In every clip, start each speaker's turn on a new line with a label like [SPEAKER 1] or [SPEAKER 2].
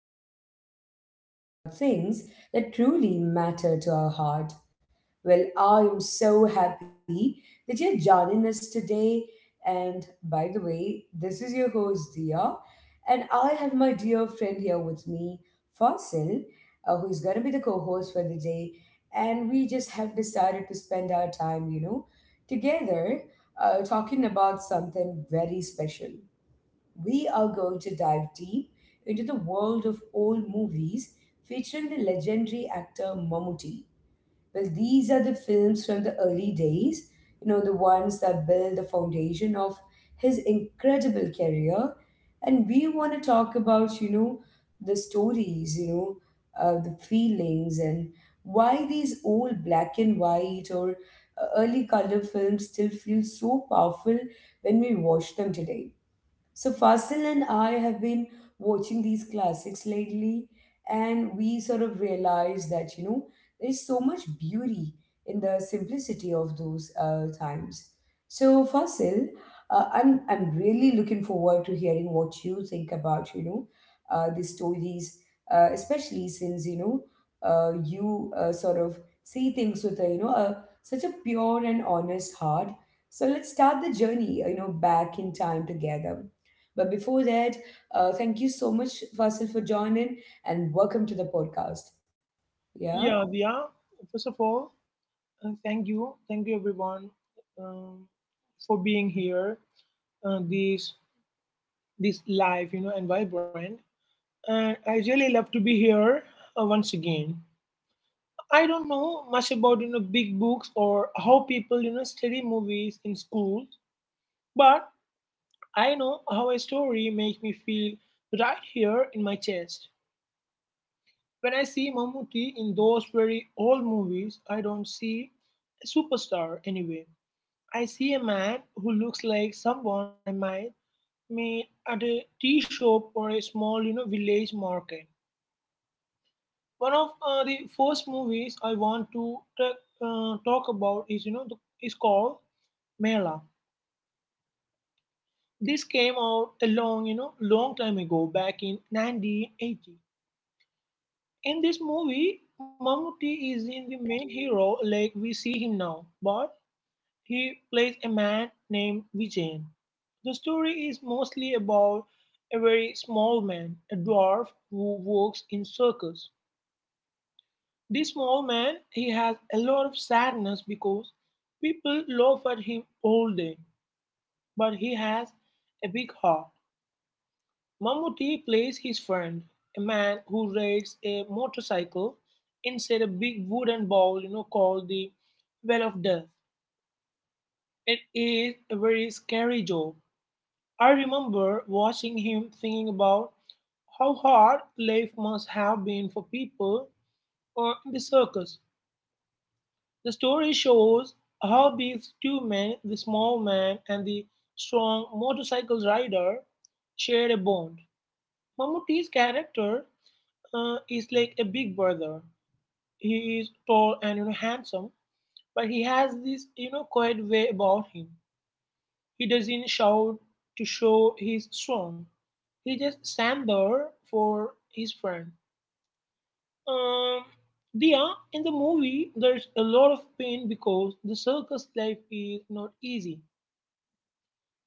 [SPEAKER 1] where we sit down and talk about things that truly matter to our heart. Well, I am so happy that you're joining us today. And by the way, this is your host, Dia, and I have my dear friend here with me, Fasil, who's going to be the co host for the day. And we just have decided to spend our time, together talking about something very special. We are going to dive deep into the world of old movies featuring the legendary actor Mammootty. Well, these are the films from the early days, you know, the ones that build the foundation of his incredible career. And we want to talk about, you know, the stories, the feelings, and why these old black and white or early color films still feel so powerful when we watch them today. So Fasil and I have been watching these classics lately, and we sort of realized that you know there's so much beauty in the simplicity of those times. So Fasil, I'm really looking forward to hearing what you think about you know the stories, especially since you know you sort of see things with a you know a, such a pure and honest heart. So let's start the journey, you know, back in time together. But before that, thank you so much, Fasil, for joining and welcome to the podcast. Yeah.
[SPEAKER 2] Yeah, Diya. First of all, thank you everyone, um, for being here. This this live and vibrant. And I really love to be here once again. I don't know much about big books or how people study movies in schools, but I know how a story makes me feel right here in my chest. When I see Mammootty in those very old movies, I don't see a superstar anyway. I see a man who looks like someone I might meet at a tea shop or a small, you know, village market. One of the first movies I want to talk about is, you know, is called Mela. This came out a long, you know, long time ago, back in 1980. In this movie, Mamuti is in the main hero like we see him now, but he plays a man named Vijayan. The story is mostly about a very small man, a dwarf who works in circus. This small man, he has a lot of sadness because people laugh at him all day, but he has a big heart. Mammootty plays his friend, a man who rides a motorcycle inside a big wooden bowl, you know, called the Well of Death. It is a very scary job. I remember watching him thinking about how hard life must have been for people in the circus. The story shows how these two men, the small man and the strong motorcycle rider, shared a bond. Mammootty's character is like a big brother. He is tall and, you know, handsome, but he has this, you know, quiet way about him. He doesn't shout to show he's strong. He just stand there for his friend. Um, Dia, in the movie, there's a lot of pain because the circus life is not easy.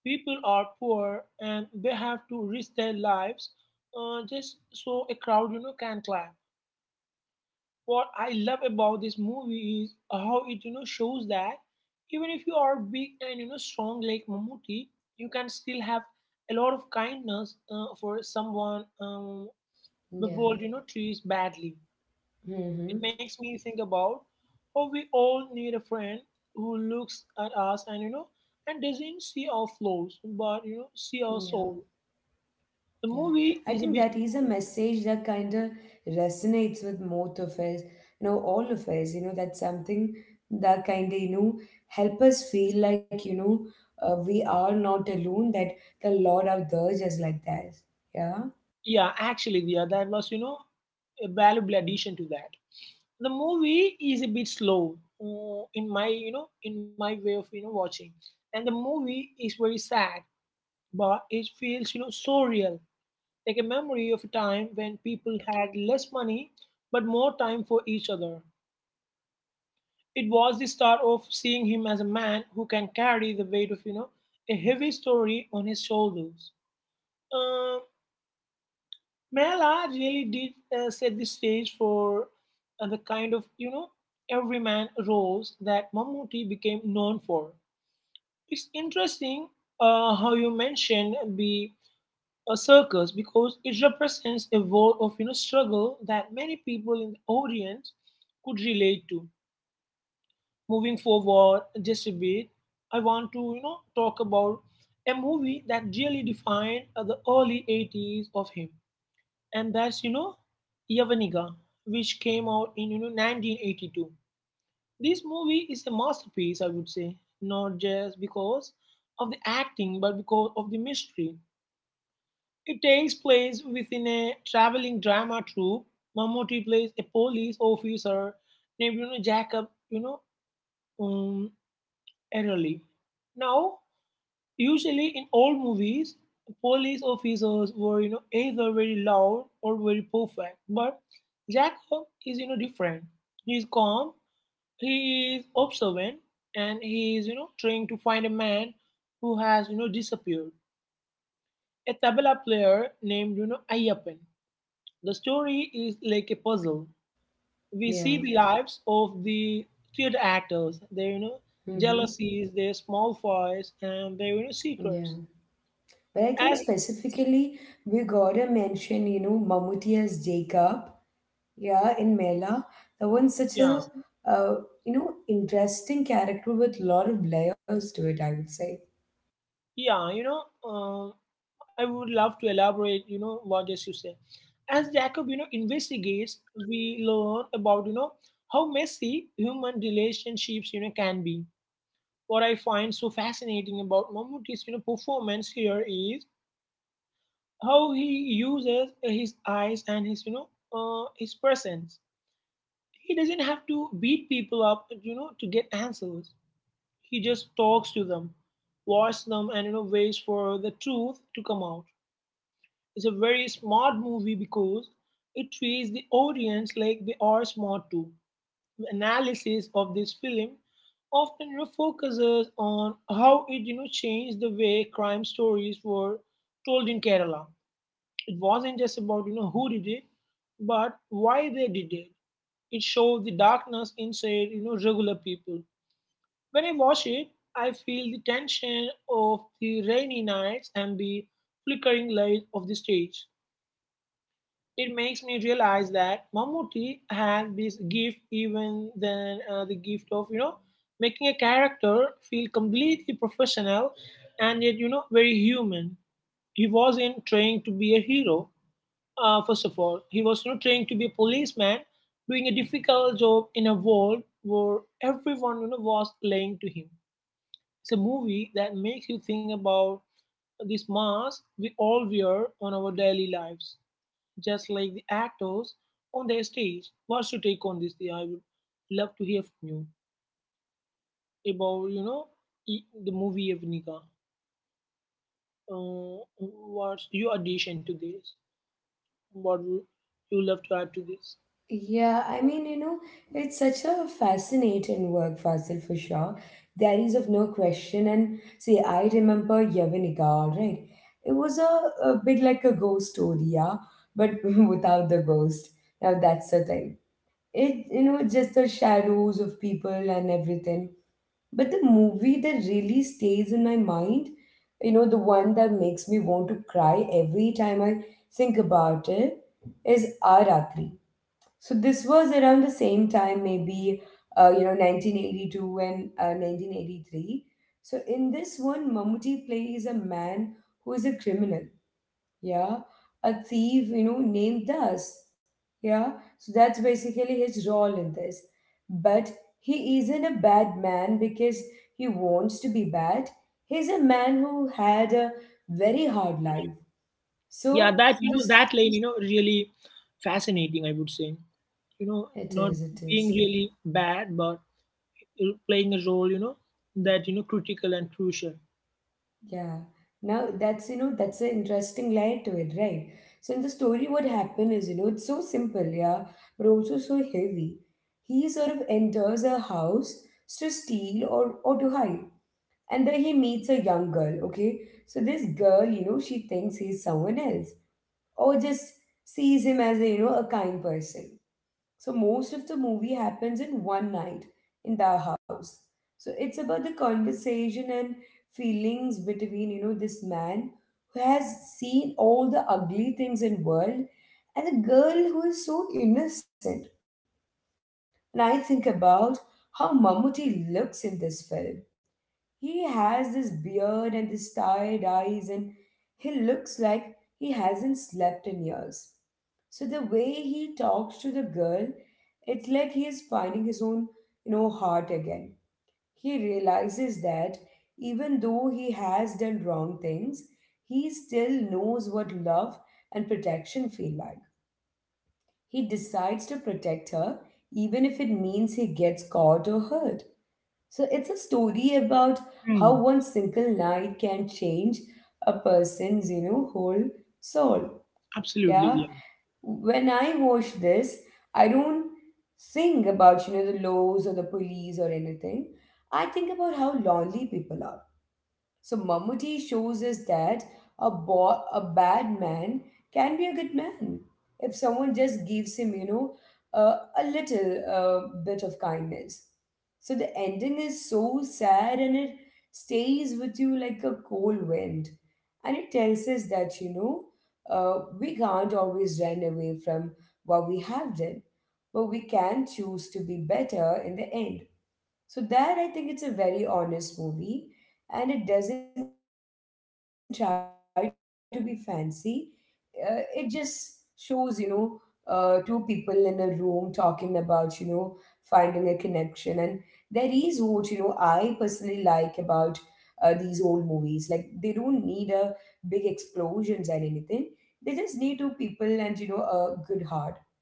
[SPEAKER 2] People are poor and they have to risk their lives just so a crowd, you know, can clap. What I love about this movie is how it, you know, shows that even if you are big and, you know, strong like Mamuti, you can still have a lot of kindness for someone the
[SPEAKER 1] Yeah.
[SPEAKER 2] world, you know, treats badly. It
[SPEAKER 1] Mm-hmm.
[SPEAKER 2] makes me think about how we all need a friend who looks at us and, and doesn't see our flaws, but, you know, see our
[SPEAKER 1] Yeah.
[SPEAKER 2] soul. The
[SPEAKER 1] Yeah, I
[SPEAKER 2] movie is
[SPEAKER 1] think
[SPEAKER 2] a bit
[SPEAKER 1] that is a message that kind of resonates with most of us, you know, all of us, you know, that's something that kind of, you know, help us feel like, we are not alone, that the Lord out there is just like that. Yeah.
[SPEAKER 2] Yeah, actually, yeah, that was, you know, a valuable addition to that. The movie is a bit slow in my, in my way of, watching, and the movie is very sad, but it feels, you know, so real, like a memory of a time when people had less money but more time for each other. It was the start of seeing him as a man who can carry the weight of, you know, a heavy story on his shoulders. Uh, Mela really did set the stage for the kind of, you know, everyman roles that Mammootty became known for. It's interesting how you mentioned the a circus because it represents a world of, struggle that many people in the audience could relate to. Moving forward just a bit, I want to, talk about a movie that really defined the early 80s of him, and that's, Yavaniga, which came out in, 1982. This movie is a masterpiece, I would say, not just because of the acting but because of the mystery. It takes place within a traveling drama troupe. Mammootty plays a police officer named, you know, Jacob, you know, um, Erroli. Now, usually in all movies, police officers were, you know, either very loud or very perfect. But Jacob is, you know, different. He's calm, he is observant, and he is, you know, trying to find a man who has, you know, disappeared. A tabla player named, you know, Ayyappan. The story is like a puzzle. We
[SPEAKER 1] Yeah.
[SPEAKER 2] see the lives of the theater actors, their,
[SPEAKER 1] Mm-hmm.
[SPEAKER 2] jealousies, their small fights, and their,
[SPEAKER 1] Yeah.
[SPEAKER 2] secrets.
[SPEAKER 1] But I think
[SPEAKER 2] As
[SPEAKER 1] specifically we gotta mention, you know, Mammootty as Jacob, yeah, in Mela. That one's such
[SPEAKER 2] Yeah,
[SPEAKER 1] a, uh, you know, interesting character with a lot of layers to it, I would say.
[SPEAKER 2] yeah, you know, I would love to elaborate. You know what just you said. As Jacob, you know, investigates, we learn about, how messy human relationships, can be. What I find so fascinating about Mammootty's, performance here is how he uses his eyes and his, his presence. He doesn't have to beat people up, you know, to get answers. He just talks to them, watches them, and, you know, waits for the truth to come out. It's a very smart movie because it treats the audience like they are smart too. The analysis of this film often, you know, focuses on how it, you know, changed the way crime stories were told in Kerala. It wasn't just about, you know, who did it, but why they did it. It showed the darkness inside, you know, regular people. When I watch it, I feel the tension of the rainy nights and the flickering light of the stage. It makes me realize that Mammootty had this gift, even than the gift of, you know, making a character feel completely professional and yet, you know, very human. He wasn't trying to be a hero. First of all, he was not trained to be a policeman, doing a difficult job in a world where everyone, you know, was lying to him. It's a movie that makes you think about this mask we all wear on our daily lives, just like the actors on their stage. What's your take on this, Diya? I would love to hear from you about, the movie Evnika. Uh, what's your addition to this? What would you love to add to this?
[SPEAKER 1] Yeah, I mean, you know, it's such a fascinating work, Fasil, for sure. There is of no question. And see, I remember Yavanika, all right? It was a bit like a ghost story, yeah, but without the ghost. Now that's the thing. It you know just the shadows of people and everything. But the movie that really stays in my mind, you know, the one that makes me want to cry every time I think about it, is Aratri. So this was around the same time, maybe you know, 1982 and 1983. So in this one, Mammootty plays a man who is a criminal, yeah, a thief, you know, named Das, yeah, so that's basically his role in this. But he isn't a bad man because he wants to be bad. He's a man who had a very hard life.
[SPEAKER 2] Yeah,
[SPEAKER 1] So
[SPEAKER 2] that, you know, that
[SPEAKER 1] this
[SPEAKER 2] line, you know, really fascinating, I would say, you know, not
[SPEAKER 1] it is
[SPEAKER 2] being really bad but playing a role, you know, that, you know, critical and crucial.
[SPEAKER 1] Yeah. Now that's you know that's an interesting layer to it, right? So in the story, what happened is you know it's so simple, yeah, but also so heavy. He sort of enters a house to steal or to hide, and there he meets a young girl. Okay, so this girl, you know, she thinks he's someone else, or just sees him as a you know a kind person. So most of the movie happens in one night in the house. So it's about the conversation and feelings between you know this man who has seen all the ugly things in world and the girl who is so innocent. And I think about how Mammootty looks in this film. He has this beard and this tired eyes and he looks like he hasn't slept in years. So the way he talks to the girl, it's like he's finding his own, you know, heart again. He realizes that even though he has done wrong things, he still knows what love and protection feel like. He decides to protect her even if it means he gets caught or hurt. So it's a story about how
[SPEAKER 2] Hmm,
[SPEAKER 1] one single night can change a person's, you know, whole soul. Yeah,
[SPEAKER 2] absolutely, yeah,
[SPEAKER 1] when I watch this, I don't think about you know the laws or the police or anything. I think about how lonely people are. So Mammootty shows us that a bad man can be a good man if someone just gives him, you know, a little bit of kindness. So the ending is so sad and it stays with you like a cold wind. And it tells us that, we can't always run away from what we have done, but we can choose to be better in the end. So that I think it's a very honest movie, and it doesn't try to be fancy. It just shows, you know, two people in a room talking about, you know, finding a connection, and there is what you know I personally like about these old movies. Like they don't need a big explosions and anything. They just need two people and you know a good heart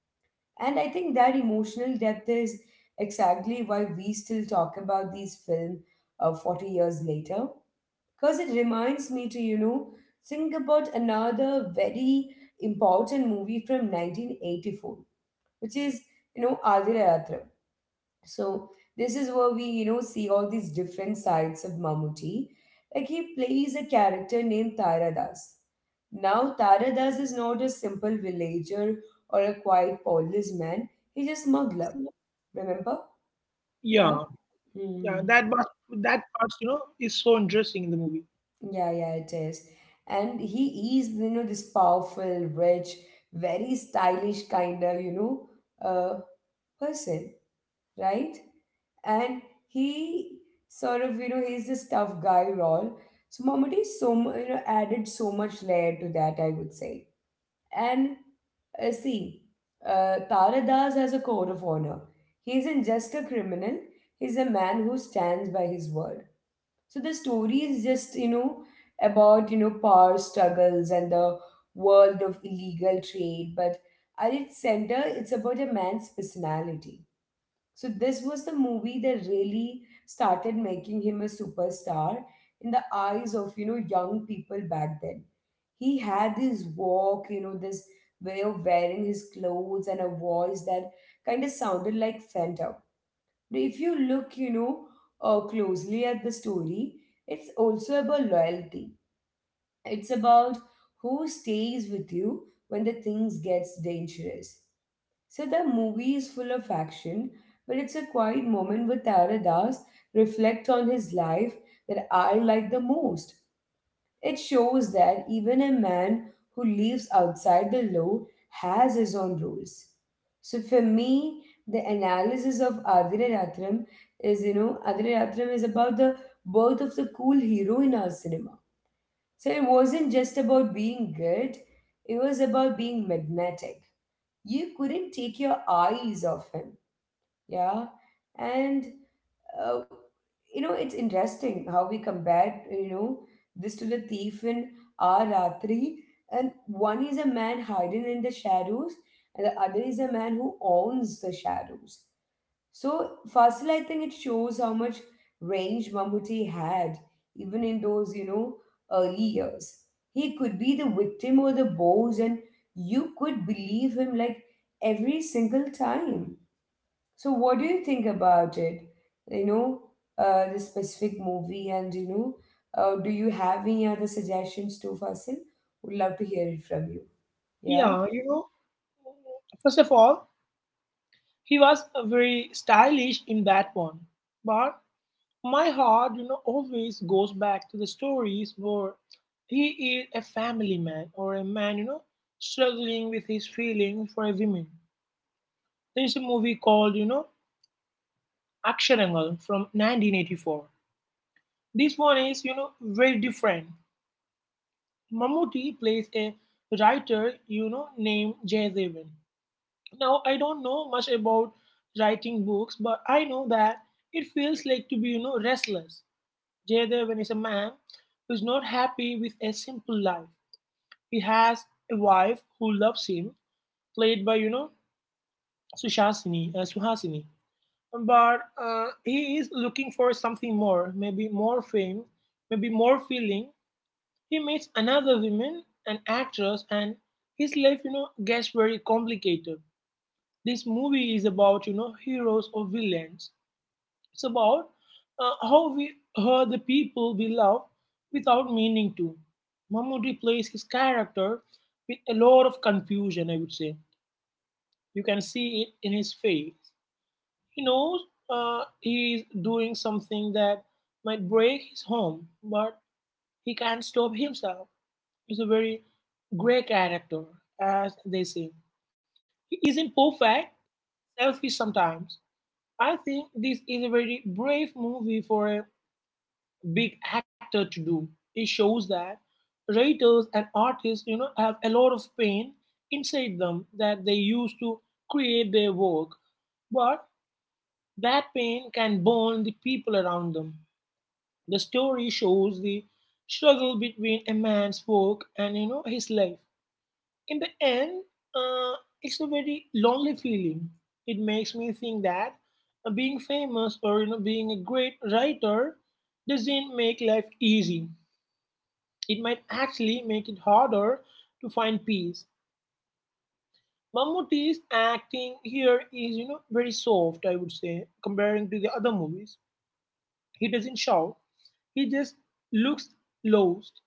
[SPEAKER 1] and I think that emotional depth is exactly why we still talk about these films 40 years later. Because it reminds me to, you know, think about another very important movie from 1984, which is, you know, Aadhira. So this is where we, you know, see all these different sides of Mammootty. Like he plays a character named Taradas. Now Taradas is not a simple villager or a quiet policeman. He's a smuggler. Remember?
[SPEAKER 2] yeah,
[SPEAKER 1] Yeah.
[SPEAKER 2] yeah,
[SPEAKER 1] Hmm.
[SPEAKER 2] that part, you know, is so interesting in the movie.
[SPEAKER 1] Yeah, yeah, it is. And he is, you know, this powerful, rich, very stylish kind of, you know, uh, person, right? And he sort of you know he's this tough guy role. So Momotti so you know added so much layer to that, I would say. And see, Tara Das has a code of honor. He isn't just a criminal. He's a man who stands by his word. So the story is just you know about you know power struggles and the world of illegal trade, but at its center it's about a man's personality. So this was the movie that really started making him a superstar in the eyes of you know young people back then. He had this walk, you know, this way of wearing his clothes and a voice that kind of sounded like Fanta. Now, if you look, you know, closely at the story, it's also about loyalty. It's about who stays with you when the things gets dangerous. So the movie is full of action, but it's a quiet moment where Tara Das reflect on his life that I like the most. It shows that even a man who lives outside the law has his own rules. So for me, the analysis of Adiratram is, you know, Adiratram is about the birth of the cool hero in our cinema. So it wasn't just about being good, it was about being magnetic. You couldn't take your eyes off him. Yeah. And uh, you know it's interesting how we compare you know this to the thief in our ratri. And one is a man hiding in the shadows and the other is a man who owns the shadows. So Fasil, I think it shows how much range Mammootty had, even in those, you know, early years. He could be the victim or the boss, and you could believe him like every single time. So what do you think about it? You know, the specific movie, and you know, do you have any other suggestions too, Fasil? Would love to hear it from you. Yeah,
[SPEAKER 2] Yeah, you know, first of all, he was very stylish in that one, but my heart, you know, always goes back to the stories where he is a family man or a man, you know, struggling with his feeling for a woman. There is a movie called, you know, Aksharangal from 1984. This one is, you know, very different. Mammootty plays a writer, you know, named Jay Devan. Now, I don't know much about writing books, but I know that it feels like to be, you know, restless. Jayadevan is a man who is not happy with a simple life. He has a wife who loves him, played by, you know, Suhasini. But he is looking for something more, maybe more fame, maybe more feeling. He meets another woman, an actress, and his life, you know, gets very complicated. This movie is about, you know, heroes or villains. It's about how we hurt the people we love without meaning to. Mammoody plays his character with a lot of confusion, I would say. You can see it in his face. He knows he doing something that might break his home, but he can't stop himself. He's a very grey character, as they say. He isn't perfect, selfish sometimes. I think this is a very brave movie for a big actor to do. It shows that writers and artists, you know, have a lot of pain inside them that they use to create their work, but that pain can burn the people around them. The story shows the struggle between a man's work and, you know, his life. In the end, uh, it's a very lonely feeling. It makes me think that being famous or, you know, being a great writer doesn't make life easy. It might actually make it harder to find peace. Mammootty's acting here is, you know, very soft, I would say, comparing to the other movies. He doesn't shout. He just looks lost.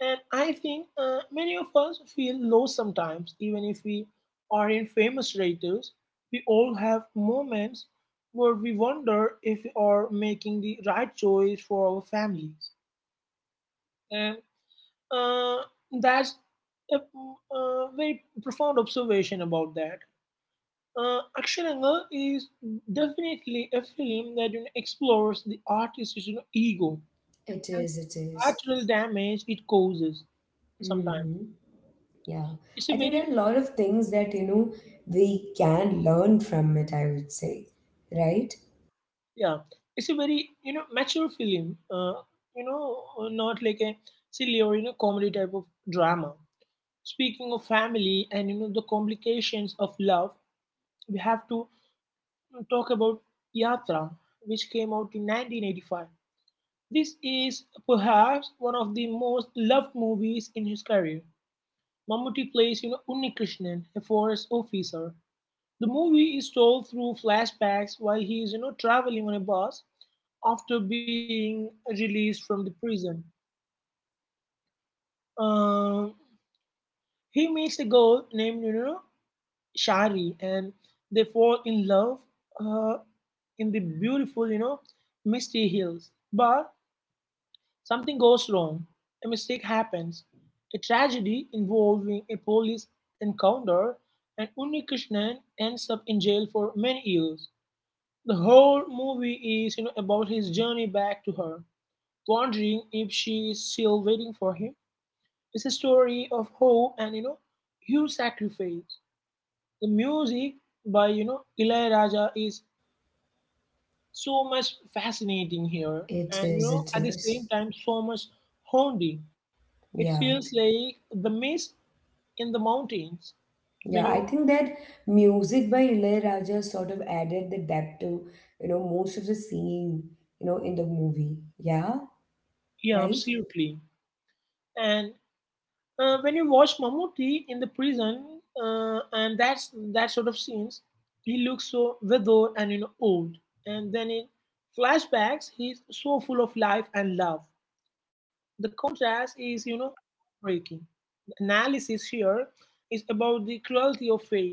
[SPEAKER 2] And I think many of us feel low sometimes, even if we are in famous writers. We all have moments where we wonder if we are making the right choice for our families. And Uh, that's a, a very profound observation about that. Aksharanga is definitely a film that, you know, explores the artist's, you know, ego
[SPEAKER 1] it
[SPEAKER 2] and
[SPEAKER 1] is. It is.
[SPEAKER 2] collateral damage it causes
[SPEAKER 1] Mm-hmm.
[SPEAKER 2] sometimes.
[SPEAKER 1] Yeah,
[SPEAKER 2] It's
[SPEAKER 1] I
[SPEAKER 2] a
[SPEAKER 1] think there are
[SPEAKER 2] very,
[SPEAKER 1] a lot of things that, you know, we can learn from it, I would say, right?
[SPEAKER 2] yeah, it's a very, you know, mature film, you know, not like a silly or, you know, comedy type of drama. Speaking of family and, you know, the complications of love, we have to talk about Yatra, which came out in 1985. This is perhaps one of the most loved movies in his career. Mammootty plays, you know, Unnikrishnan, a forest officer. The movie is told through flashbacks while he is, traveling on a bus after being released from the prison. Um, he meets a girl named, Shari, and they fall in love uh, in the beautiful, misty hills. But something goes wrong, a mistake happens, a tragedy involving a police encounter, and Unnikrishnan ends up in jail for many years. The whole movie is, about his journey back to her, wondering if she is still waiting for him. It's a story of hope and, huge sacrifice. The music by, Ilayaraja is so much fascinating here,
[SPEAKER 1] It
[SPEAKER 2] and,
[SPEAKER 1] is, it
[SPEAKER 2] at the same
[SPEAKER 1] is.
[SPEAKER 2] time so much haunting. It
[SPEAKER 1] Yeah,
[SPEAKER 2] feels like the mist in the mountains when
[SPEAKER 1] yeah. I
[SPEAKER 2] you,
[SPEAKER 1] think that music by Ilayaraja sort of added the depth to, you know, most of the singing, you know, in the movie. Yeah,
[SPEAKER 2] yeah,
[SPEAKER 1] right?
[SPEAKER 2] absolutely. And when you watch Mammootty in the prison and that sort of scenes, he looks so withered and, old. And then in flashbacks, he's so full of life and love. The contrast is, breaking. The analysis here is about the cruelty of fate.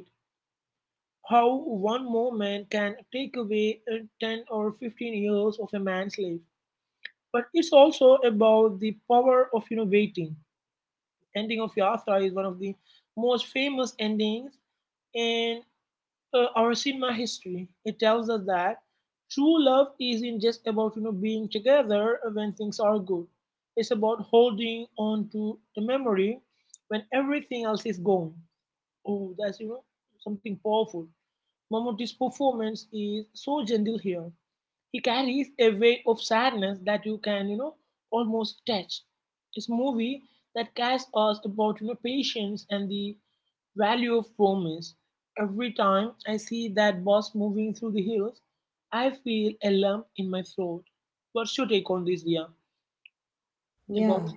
[SPEAKER 2] How one moment can take away 10 or 15 years of a man's life, but it's also about the power of, waiting. Ending of Yatra is one of the most famous endings in our cinema history. It tells us that true love isn't just about, being together when things are good. It's about holding on to the memory when everything else is gone. Oh, that's, something powerful. Mammootty's performance is so gentle here. He carries a weight of sadness that you can, almost touch. It's a movie that casts us about, patience and the value of promise. Every time I see that bus moving through the hills, I feel a lump in my throat. What's your take on this, Dia? About
[SPEAKER 1] Yeah.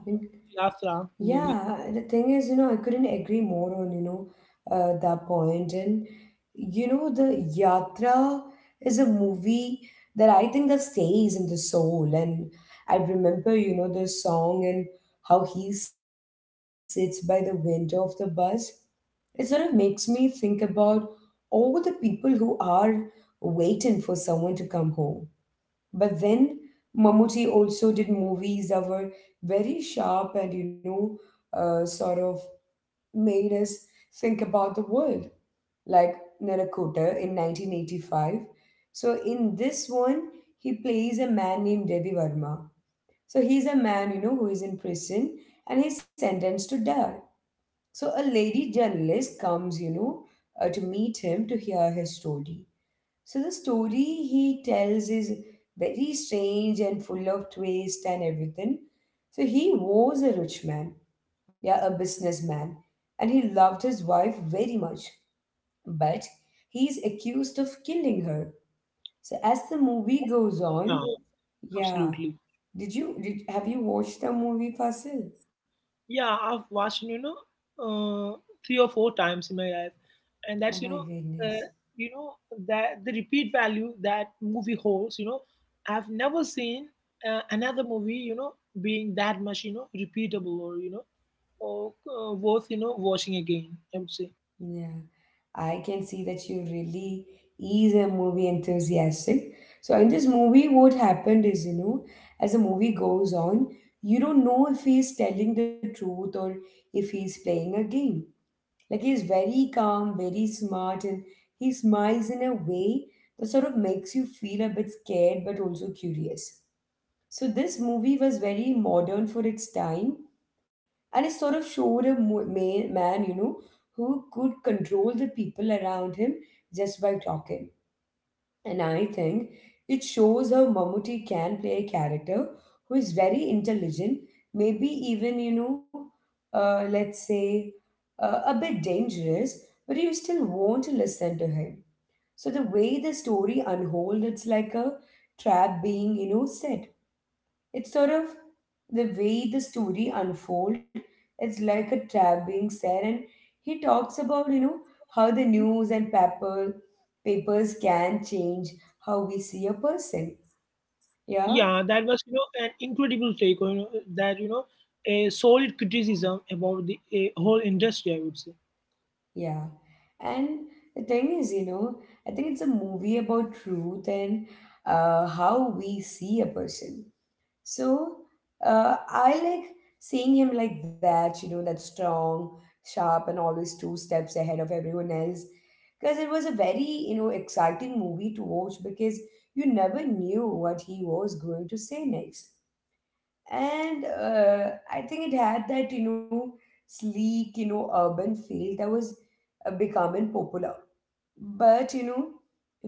[SPEAKER 2] Yatra movie?
[SPEAKER 1] Yeah, the thing is, you know, I couldn't agree more on, that point. And, you know, the Yatra is a movie that I think that stays in the soul. And I remember, you know, the song and how he sits by the window of the bus. It sort of makes me think about all the people who are waiting for someone to come home. But then Mammootty also did movies that were very sharp and, sort of made us think about the world, like Narakota in 1985. So in this one, he plays a man named Devi Varma. So he's a man, you know, who is in prison and he's sentenced to die. So a lady journalist comes, to meet him to hear his story. So the story he tells is very strange and full of twist and everything. So he was a rich man, yeah, a businessman, and he loved his wife very much, but he is accused of killing her. So as the movie goes
[SPEAKER 2] Yeah,
[SPEAKER 1] on, yeah,
[SPEAKER 2] absolutely.
[SPEAKER 1] did have you watched the movie Fasil?
[SPEAKER 2] Yeah, I've watched, uh, three or four times in my life, and
[SPEAKER 1] Oh
[SPEAKER 2] that's,
[SPEAKER 1] my
[SPEAKER 2] uh,
[SPEAKER 1] goodness.
[SPEAKER 2] you know that the repeat value that movie holds. You know, I've never seen another movie, being that much, repeatable, or or worth, watching again, I would say.
[SPEAKER 1] Yeah, I can see that you really is a movie enthusiastic. So in this movie, what happened is, you know, as the movie goes on, you don't know if he's telling the truth or if he's playing a game. Like he's very calm, very smart, and he smiles in a way that sort of makes you feel a bit scared but also curious. So this movie was very modern for its time and it sort of showed a man, you know, who could control the people around him just by talking. And I think it shows how Mammootty can play a character who is very intelligent, maybe even, let's say a bit dangerous, but you still want to listen to him. So the way the story unfolds, it's like a trap being, you know, set. It's sort of the way the story unfold. It's like a trap being set, and he talks about you know how the news and paper papers can change how we see a person. Yeah,
[SPEAKER 2] Yeah, that was, an incredible take on. You know, that, a solid criticism about the a whole industry, I would say.
[SPEAKER 1] yeah. And the thing is, you know, I think it's a movie about truth and how we see a person. So I like seeing him like that, you know, that strong, sharp, and always two steps ahead of everyone else. Because it was a very, you know, exciting movie to watch because you never knew what he was going to say next. And I think it had that, you know, sleek, you know, urban feel that was becoming popular. But you know,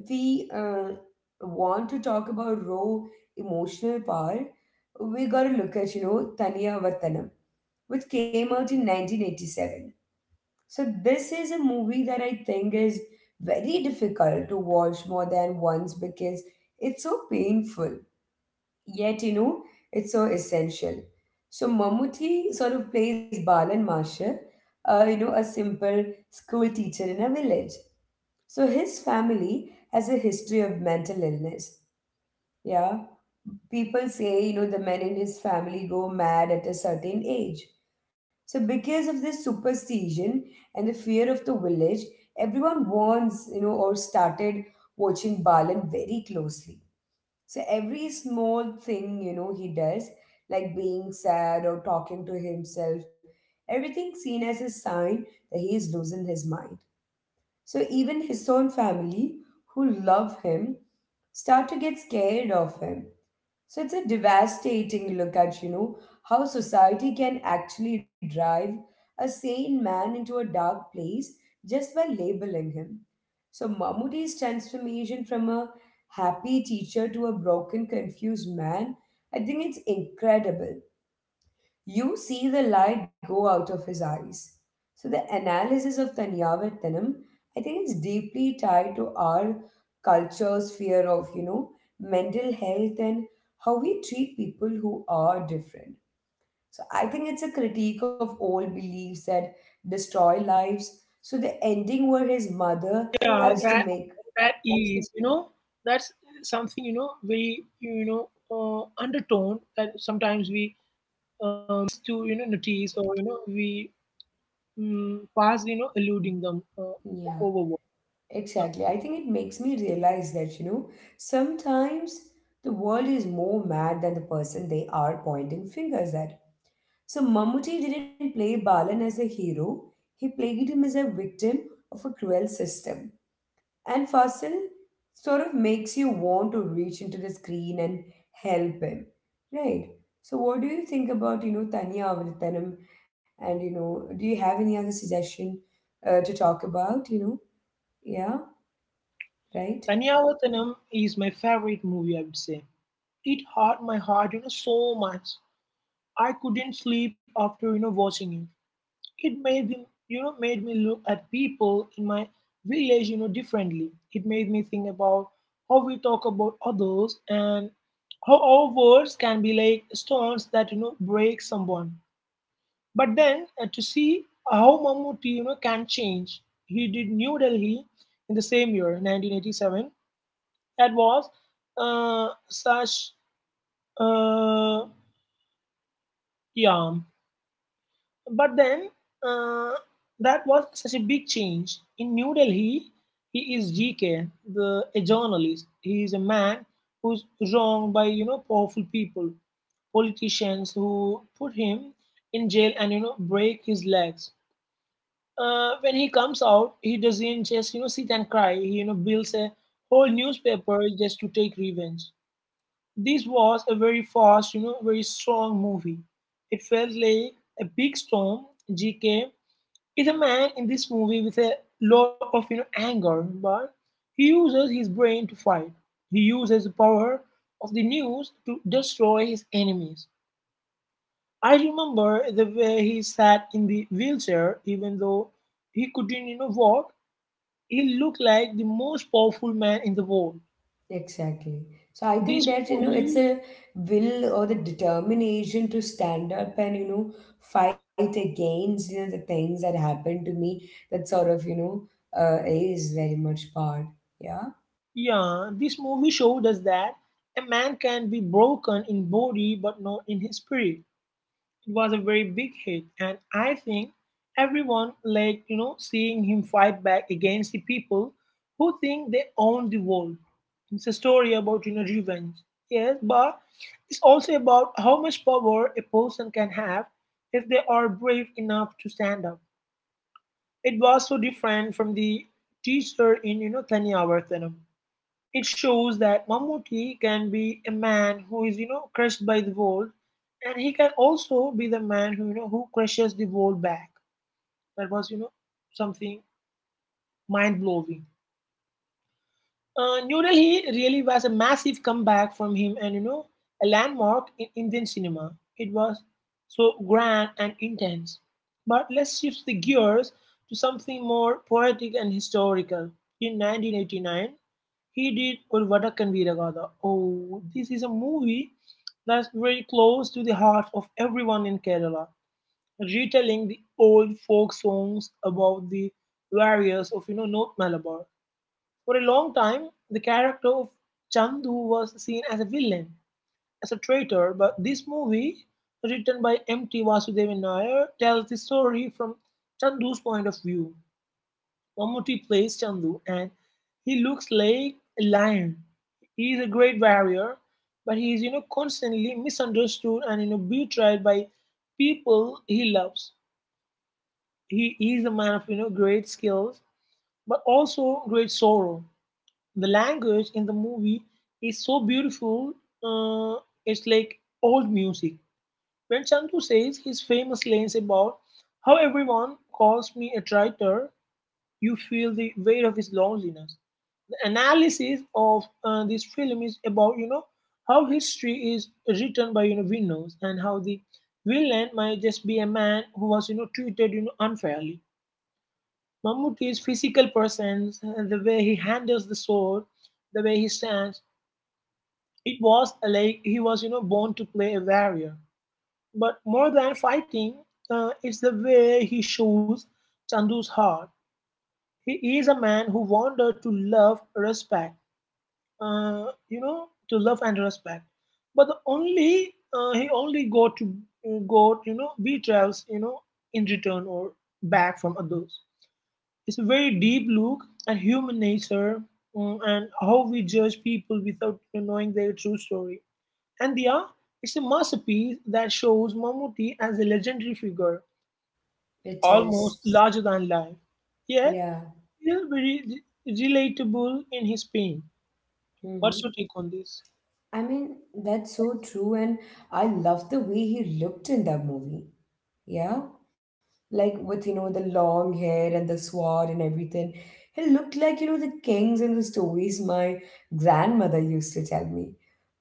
[SPEAKER 1] we want to talk about raw emotional power. We gotta look at you know Taniya Vatanam, which came out in 1987. So this is a movie that I think is very difficult to watch more than once because it's so painful. Yet you know it's so essential. So Mammootty sort of plays Balan Masha, you know, a simple school teacher in a village so his family has a history of mental illness. Yeah. People say, you know, the men in his family go mad at a certain age. So, because of this superstition and the fear of the village, everyone warns you know, or started watching Balan very closely. So, every small thing, you know, he does, like being sad or talking to himself, everything seen as a sign that he is losing his mind. So even his own family, who love him, start to get scared of him. So it's a devastating look at, you know, how society can actually drive a sane man into a dark place just by labeling him. So Mahmoodi's transformation from a happy teacher to a broken, confused man, I think it's incredible. You see the light go out of his eyes. So the analysis of Taniyavattanam, I think, is deeply tied to our culture's fear of, you know, mental health and how we treat people who are different. So I think it's a critique of old beliefs that destroy lives. So the ending where his
[SPEAKER 2] Yeah,
[SPEAKER 1] mother
[SPEAKER 2] that
[SPEAKER 1] has to make
[SPEAKER 2] that is, that's something, very, undertone that sometimes we miss to, notice, or, we, pass, eluding them
[SPEAKER 1] yeah.
[SPEAKER 2] overboard, yeah.
[SPEAKER 1] Exactly. I think it makes me realize that, you know, sometimes the world is more mad than the person they are pointing fingers at. So Mammootty didn't play Balan as a hero, he played him as a victim of a cruel system. And Fasil sort of makes you want to reach into the screen and help him. Right. So what do you think about, you know, Tanya Avritanam and you know, do you have any other suggestion to talk about, you know? Yeah, right?
[SPEAKER 2] Taniyavathanam is my favorite movie, I would say. It hurt my heart, so much. I couldn't sleep after, watching it. It made them, made me look at people in my village, differently. It made me think about how we talk about others and how our words can be like stones that, break someone. But then to see how Mammootty, can change. He did New Delhi in the same year, 1987. That was such uh, yeah But then uh, that was such a big change. In New Delhi, he is GK, a journalist. He is a man who's wronged by, powerful people, politicians who put him in jail and, break his legs. When he comes out, he doesn't just, sit and cry. He, builds a whole newspaper just to take revenge. This was a very fast, very strong movie. It felt like a big storm. GK is a man in this movie with a lot of, anger, but he uses his brain to fight. He uses the power of the news to destroy his enemies. I remember the way he sat in the wheelchair, even though he couldn't, walk. He looked like the most powerful man in the world.
[SPEAKER 1] Exactly. So I think
[SPEAKER 2] This
[SPEAKER 1] that, you know, it's
[SPEAKER 2] movie,
[SPEAKER 1] a will or the determination to stand up and, you know, fight against, you know, the things that happened to me that sort of, is very much part. Yeah,
[SPEAKER 2] yeah, this movie showed us that a man can be broken in body but not in his spirit. It was a very big hit, and I think everyone like, seeing him fight back against the people who think they own the world. It's a story about, revenge, yes, but it's also about how much power a person can have if they are brave enough to stand up. It was so different from the teacher in, Tanya Vartanam. It shows that Mammootty can be a man who is, crushed by the world, and he can also be the man who, who crushes the world back. That was, something mind blowing. New Delhi really was a massive comeback from him, and, a landmark in Indian cinema. It was so grand and intense. But let's shift the gears to something more poetic and historical. In 1989, he did Urvadakan Viragada. Oh, this is a movie that's very close to the heart of everyone in Kerala, retelling the old folk songs about the warriors of, North Malabar. For a long time, the character of Chandu was seen as a villain, as a traitor, but this movie, written by M.T. Vasudevan Nair, tells the story from Chandu's point of view. Mammootty plays Chandu and he looks like a lion. He is a great warrior, but he is, constantly misunderstood and, betrayed by people he loves. He is a man of, great skills, but also great sorrow. The language in the movie is so beautiful. Uh, it's like old music. When Chandu says his famous lines about how everyone calls me a traitor, you feel the weight of his loneliness. Analysis of this film is about, how history is written by, winners, and how the villain might just be a man who was, treated, unfairly. Mammootty's physical presence, the way he handles the sword, the way he stands, it was like he was, born to play a warrior. But more than fighting, it's the way he shows Chandu's heart. He is a man who wanted to love, respect, uh, you know, to love and respect. But the only he only got, betrayals, in return, or back from others. It's a very deep look at human nature, and how we judge people without knowing their true story. And yeah, it's a masterpiece that shows Mammootty as a legendary figure,
[SPEAKER 1] it is.
[SPEAKER 2] almost larger than life, yet
[SPEAKER 1] Yeah.
[SPEAKER 2] still very relatable in his pain.
[SPEAKER 1] Hmm.
[SPEAKER 2] What's your take on this?
[SPEAKER 1] I mean, that's so true. And I love the way he looked in that movie. Yeah. Like with, you know, the long hair and the sword and everything. He looked like, you know, the kings in the stories my grandmother used to tell me.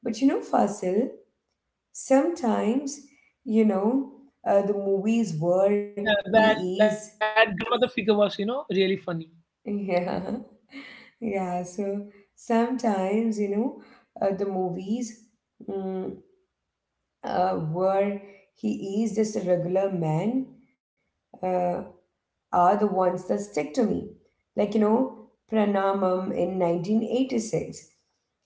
[SPEAKER 1] But you know, Fasil, sometimes, you know, the movies where
[SPEAKER 2] Yeah, that
[SPEAKER 1] he is.
[SPEAKER 2] that grandmother figure was, really funny.
[SPEAKER 1] Yeah. Yeah. So sometimes, the movies mm, where he is just a regular man. Uh, are the ones that stick to me. Like, you know, Pranamam in 1986.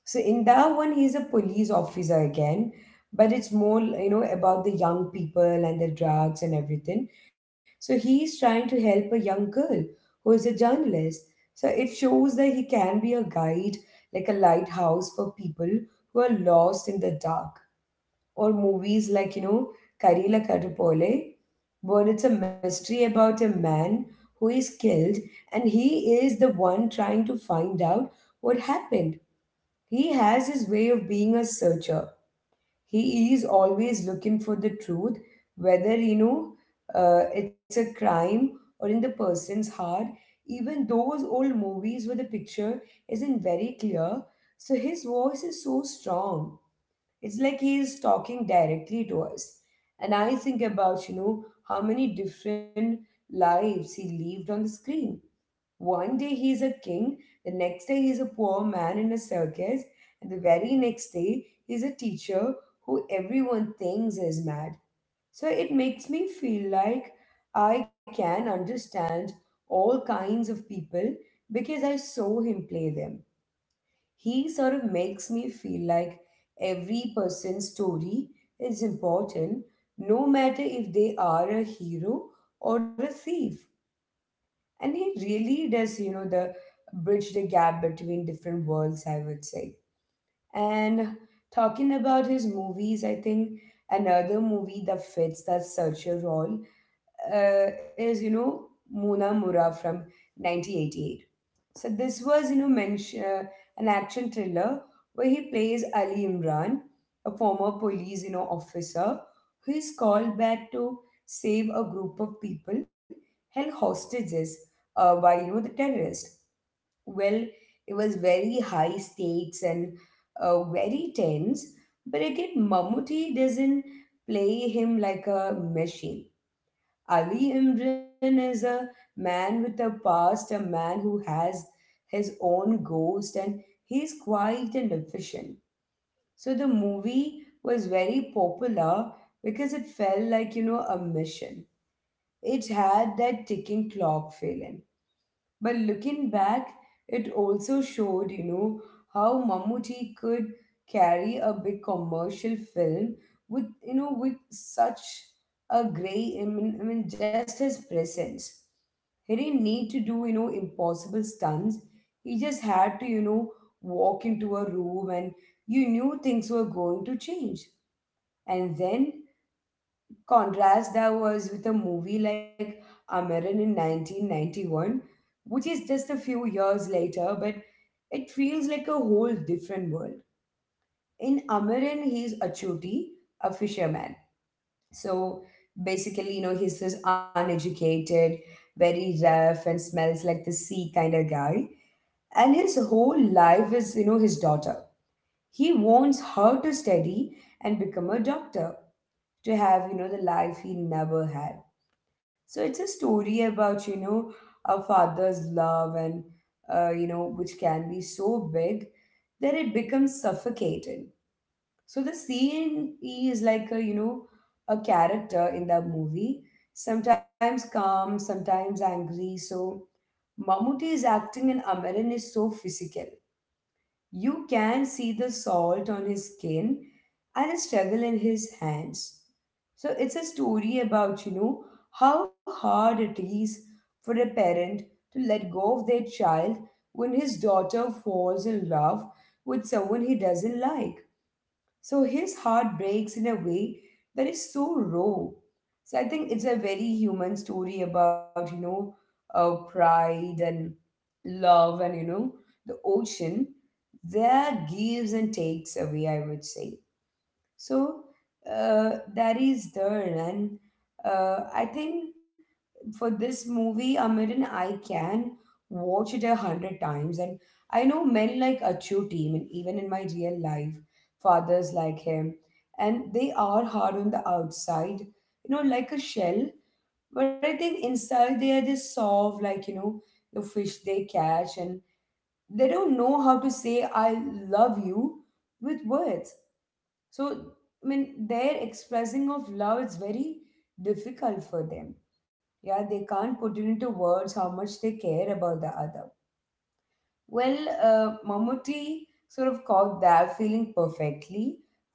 [SPEAKER 1] So in that one, he's a police officer again, but it's more, you know, about the young people and the drugs and everything. So he's trying to help a young girl who is a journalist. So it shows that he can be a guide, like a lighthouse for people who are lost in the dark or movies like, you know, Karila Karupole, where it's a mystery about a man who is killed and he is the one trying to find out what happened. He has his way of being a searcher. He is always looking for the truth, whether, it's a crime or in the person's heart. Even those old movies where the picture isn't very clear, so his voice is so strong it's like he is talking directly to us. And I think about, you know, how many different lives he lived on the screen. One day he's a king, the next day he's a poor man in a circus, and the very next day he's a teacher who everyone thinks is mad. So it makes me feel like I can understand all kinds of people because I saw him play them he sort of makes me feel like every person's story is important, no matter if they are a hero or a thief. And he really does, you know, the bridge the gap between different worlds, I would say. And talking about his movies, I think another movie that fits that such a role is, you know, Muna Mura from 1988. So this was, you know, mention, an action thriller where he plays Ali Imran, a former police, you know, officer who is called back to save a group of people held hostages by, you know, the terrorists. Well, it was very high stakes and very tense, but again, Mammootty doesn't play him like a machine. Ali Imran is a man with a past, a man who has his own ghost, and he's quiet and efficient. So the movie was very popular because it felt like, you know, a mission. It had that ticking clock feeling. But looking back, it also showed, you know, how Mammootty could carry a big commercial film with, you know, with such a gray, I mean just his presence. He didn't need to do, you know, impossible stunts. He just had to, you know, walk into a room and you knew things were going to change. And then contrast that was with a movie like Amaran in 1991, which is just a few years later, but it feels like a whole different world. In Amaran, he's a chuti, a fisherman. So basically, you know, he's this uneducated, very rough, and smells like the sea kind of guy. And his whole life is, you know, his daughter. He wants her to study and become a doctor to have, you know, the life he never had. So it's a story about, you know, a father's love and, you know, which can be so big that it becomes suffocating. So the scene is like a, you know, a character in the movie, sometimes calm, sometimes angry. So Mammootty is acting and Amaran is so physical. You can see the salt on his skin and the struggle in his hands. So it's a story about, you know, how hard it is for a parent to let go of their child when his daughter falls in love with someone he doesn't like. So his heart breaks in a way that is so raw. So I think it's a very human story about, pride and love, and the ocean that gives and takes away, I would say so that is there and I think for this movie Amiran, I can watch it 100 times. And I know men like Achuti, and even in my real life, fathers like him, and they are hard on the outside, like a shell. But I think inside they are just soft, like the fish they catch, and they don't know how to say I love you with words. so i mean their expressing of love is very difficult for them. Yeah, they can't put it into words how much they care about the other. well Mamuti sort of caught that feeling perfectly,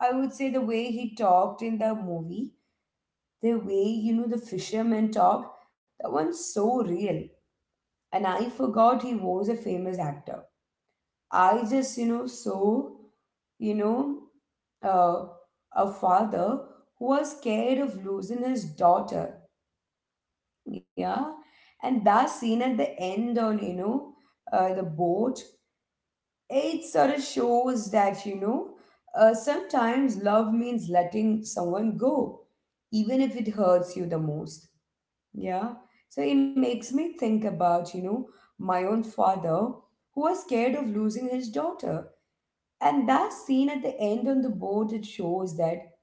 [SPEAKER 1] I would say. The way he talked in the movie, the way the fisherman talk, that one's so real. And I forgot he was a famous actor. I just you know so you know, uh, a father who was scared of losing his daughter. Yeah. And that scene at the end on, the boat, it sort of shows that, sometimes love means letting someone go, even if it hurts you the most. Yeah. So it makes me think about, my own father, who was scared of losing his daughter. And that scene at the end on the boat, it shows that.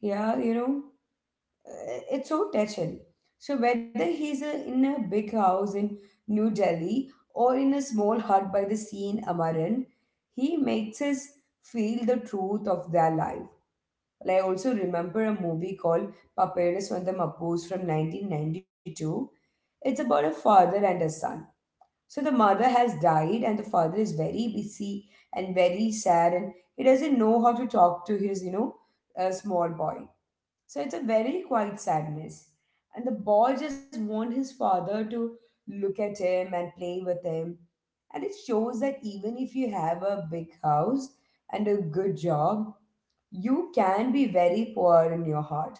[SPEAKER 1] Yeah, it's so touching. So whether he's a, in a big house in New Delhi, or in a small hut by the sea in Amaran, he makes us feel the truth of their life. Well, I also remember a movie called Paperas Vandam Appos from 1992. It's about a father and a son. So the mother has died, and the father is very busy and very sad, and he doesn't know how to talk to his, small boy. So it's a very quiet sadness. And the boy just wants his father to look at him and play with him. And it shows that even if you have a big house and a good job, you can be very poor in your heart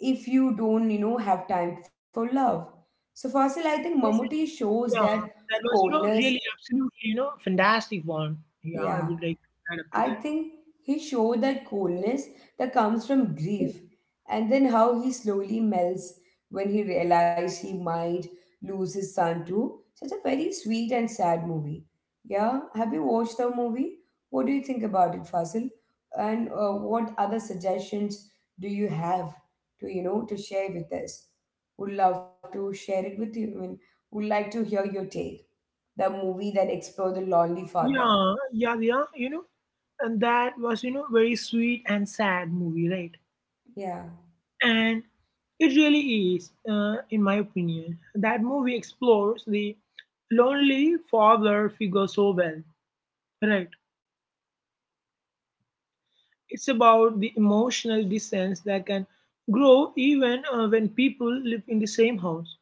[SPEAKER 1] if you don't, have time for love. So, Fasil, I think Mamuti shows
[SPEAKER 2] Yeah,
[SPEAKER 1] that
[SPEAKER 2] that was, really
[SPEAKER 1] coldness.
[SPEAKER 2] absolutely, fantastic one. Yeah, I would
[SPEAKER 1] Yeah,
[SPEAKER 2] like to add up to that.
[SPEAKER 1] I think he showed that coolness that comes from grief, and then how he slowly melts when he realized he might lose his son too. Such a very sweet and sad movie. Yeah, have you watched the movie? What do you think about it, Fasil? And what other suggestions do you have to to share with us? Would love to share it with you. Would like to hear your take. The movie that explored the lonely father.
[SPEAKER 2] Yeah, yeah, yeah, and that was, very sweet and sad movie, right?
[SPEAKER 1] Yeah,
[SPEAKER 2] And it really is, in my opinion. That movie explores the lonely father figure so well, right? It's about the emotional distance that can grow even when people live in the same house.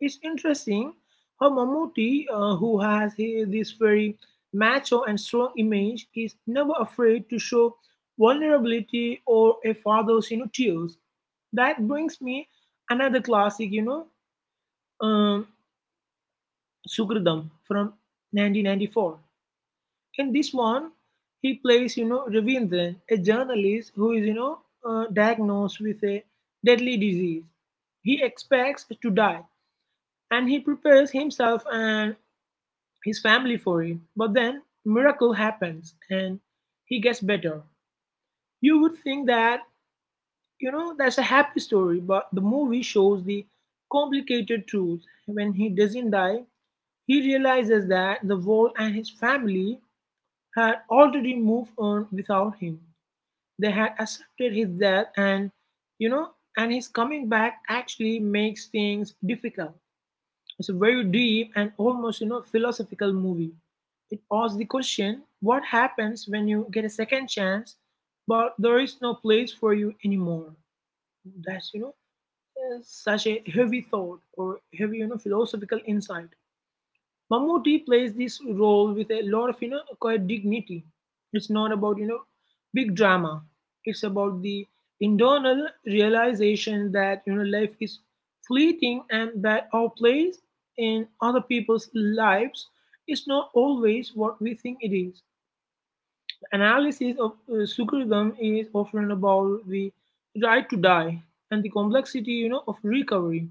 [SPEAKER 2] It's interesting how Mammootty, who has this very macho and strong image, is never afraid to show vulnerability or a father's, tears. That brings me another classic, um, Sukridam from 1994. In this one, he plays, Ravindran, a journalist who is, diagnosed with a deadly disease. He expects to die and he prepares himself and his family for it. But then miracle happens and he gets better. You would think that, that's a happy story, but the movie shows the complicated truth. When he doesn't die, he realizes that the world and his family had already moved on without him. They had accepted his death, and, you know, and his coming back actually makes things difficult. It's a very deep and almost, philosophical movie. It asks the question, what happens when you get a second chance, but there is no place for you anymore? That's, such a heavy thought or heavy, philosophical insight. Mammootty plays this role with a lot of, quite dignity. It's not about, big drama. It's about the internal realization that, life is fleeting and that our place in other people's lives is not always what we think it is. Analysis of Sukridam is often about the right to die and the complexity, of recovery.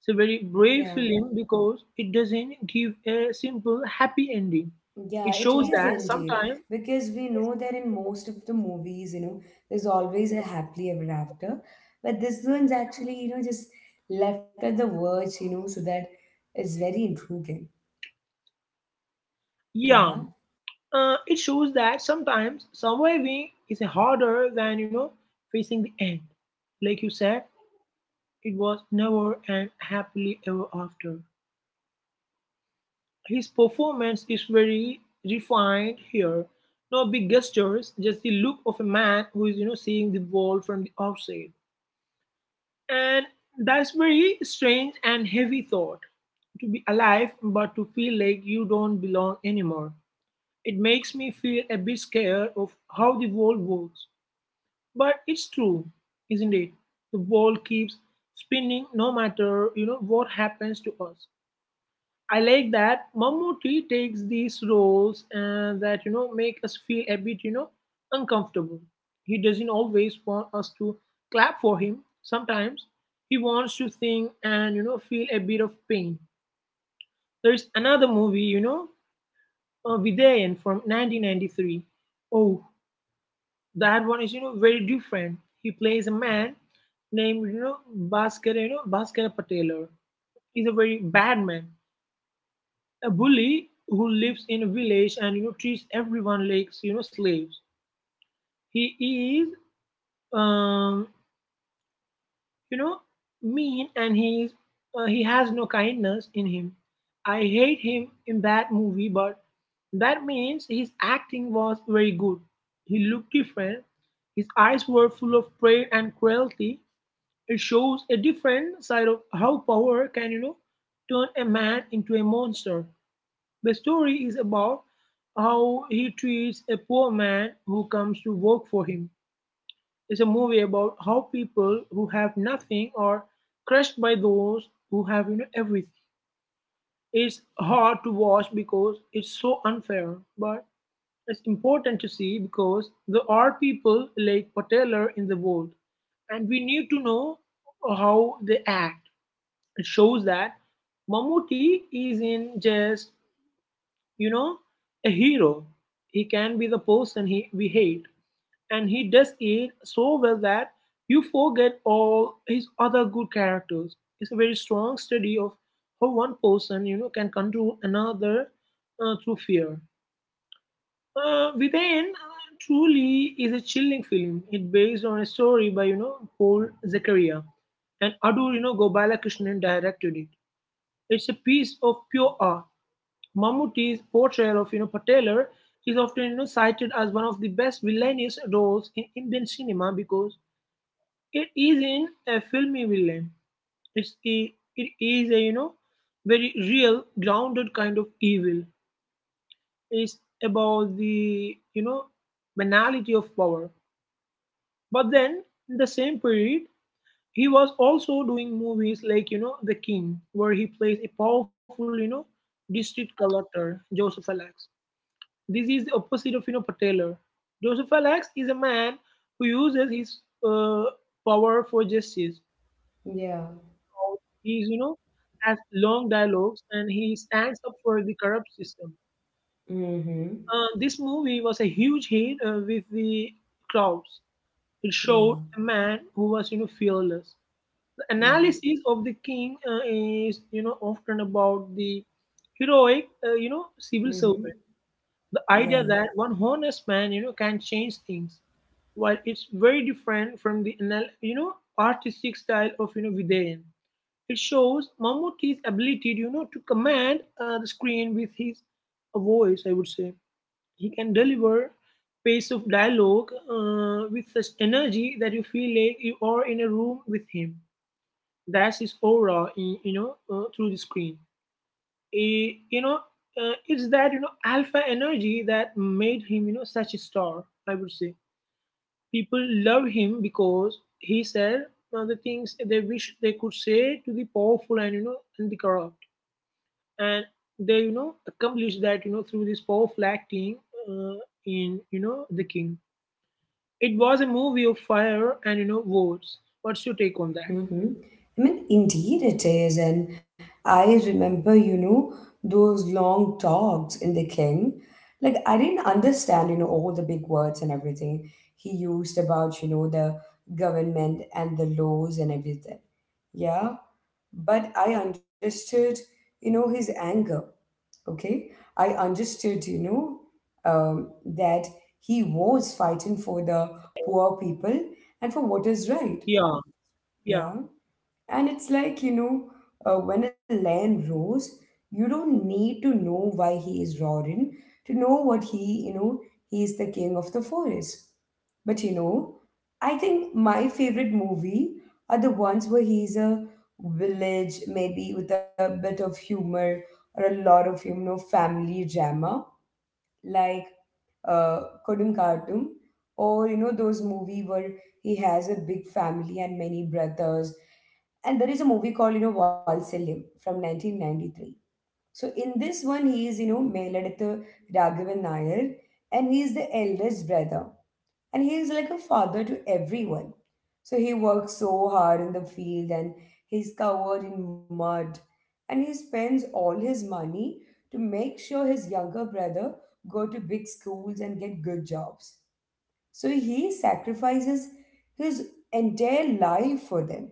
[SPEAKER 2] It's a very brave
[SPEAKER 1] yeah.
[SPEAKER 2] film because it doesn't give a simple happy ending.
[SPEAKER 1] Yeah,
[SPEAKER 2] It
[SPEAKER 1] it
[SPEAKER 2] shows
[SPEAKER 1] is
[SPEAKER 2] that
[SPEAKER 1] indeed.
[SPEAKER 2] sometimes,
[SPEAKER 1] Because we know that in most of the movies, there's always a happily ever after. But this one's actually, just left at the verge, so that it's very intriguing.
[SPEAKER 2] yeah,
[SPEAKER 1] Yeah.
[SPEAKER 2] it shows that sometimes surviving is harder than, facing the end. Like you said, it was never and happily ever after. His performance is very refined here. No big gestures, just the look of a man who is, seeing the world from the outside. And that's very strange and heavy thought to be alive but to feel like you don't belong anymore. It makes me feel a bit scared of how the world works. But it's true, isn't it? The world keeps spinning no matter, what happens to us. I like that Mammootty takes these roles and that make us feel a bit uncomfortable. He doesn't always want us to clap for him. Sometimes he wants to think and feel a bit of pain. There is another movie Vidayan from 1993. Oh, that one is very different. He plays a man named Bhaskar Bhaskara Patelar. He's a very bad man, a bully who lives in a village and treats everyone like slaves. He is um, you know mean, and he is he has no kindness in him. I hate him in that movie, but that means his acting was very good. He looked different. His eyes were full of pride and cruelty. It shows a different side of how power can turn a man into a monster. The story is about how he treats a poor man who comes to work for him. It's a movie about how people who have nothing are crushed by those who have, everything. It's hard to watch because it's so unfair, but it's important to see because there are people like Pateller in the world, and we need to know how they act. It shows that Mammootty isn't just, you know, a hero. He can be the person he we hate, and he does it so well that you forget all his other good characters. It's a very strong study of how one person, can control another through fear. Within truly is a chilling film. It based on a story by Paul Zakaria, and Adu Gopalakrishnan directed it. It's a piece of pure art. Mammootty's portrayal of Patelar is often cited as one of the best villainous roles in Indian cinema because it is in a filmy villain. It's a, it is a very real, grounded kind of evil. It's about the banality of power. But then in the same period, he was also doing movies like The King, where he plays a powerful district collector, Joseph Alex. This is the opposite of Pateler. Joseph Alex is a man who uses his power for justice.
[SPEAKER 1] Yeah.
[SPEAKER 2] He's, has long dialogues, and he stands up for the corrupt system.
[SPEAKER 1] Mm-hmm.
[SPEAKER 2] This movie was a huge hit with the crowds. It
[SPEAKER 1] Yeah.
[SPEAKER 2] showed a man who was fearless. The
[SPEAKER 1] Yeah.
[SPEAKER 2] analysis of The King is often about the heroic, civil
[SPEAKER 1] Mm-hmm.
[SPEAKER 2] servant. The
[SPEAKER 1] Yeah.
[SPEAKER 2] idea that one honest man, can change things, while it's very different from the, artistic style of, Vidayan. It shows Mammootty's ability, to command the screen with his voice. I would say he can deliver pace of dialogue with such energy that you feel like you are in a room with him. That's his aura, in, through the screen, eh, you know, it's that alpha energy that made him such a star. I would say people love him because he said the things they wish they could say to the powerful and, and the corrupt, and they accomplished that through this powerful acting uh, in The King. It was a movie of fire and, words. What's your take on that?
[SPEAKER 1] Mm-hmm. Indeed it is. And I remember, those long talks in The King. Like, I didn't understand, all the big words and everything he used about, the government and the laws and everything. Yeah. But I understood, his anger. Okay. I understood, that he was fighting for the poor people and for what is
[SPEAKER 2] Yeah,
[SPEAKER 1] right.
[SPEAKER 2] yeah,
[SPEAKER 1] Yeah. And it's like, when a lion roars, you don't need to know why he is roaring to know what he, he is the king of the forest. But I think my favorite movie are the ones where he's a village, maybe with a bit of humor or a lot of, family drama. Like, uh, Kodunkartum, or those movie where he has a big family and many brothers. And there is a movie called Valsalyam from 1993. So in this one, he is Meladatha Raghavan Nair, and he is the eldest brother, and he is like a father to everyone. So he works so hard in the field, and he's covered in mud. And he spends all his money to make sure his younger brother go to big schools and get good jobs. So he sacrifices his entire life for them.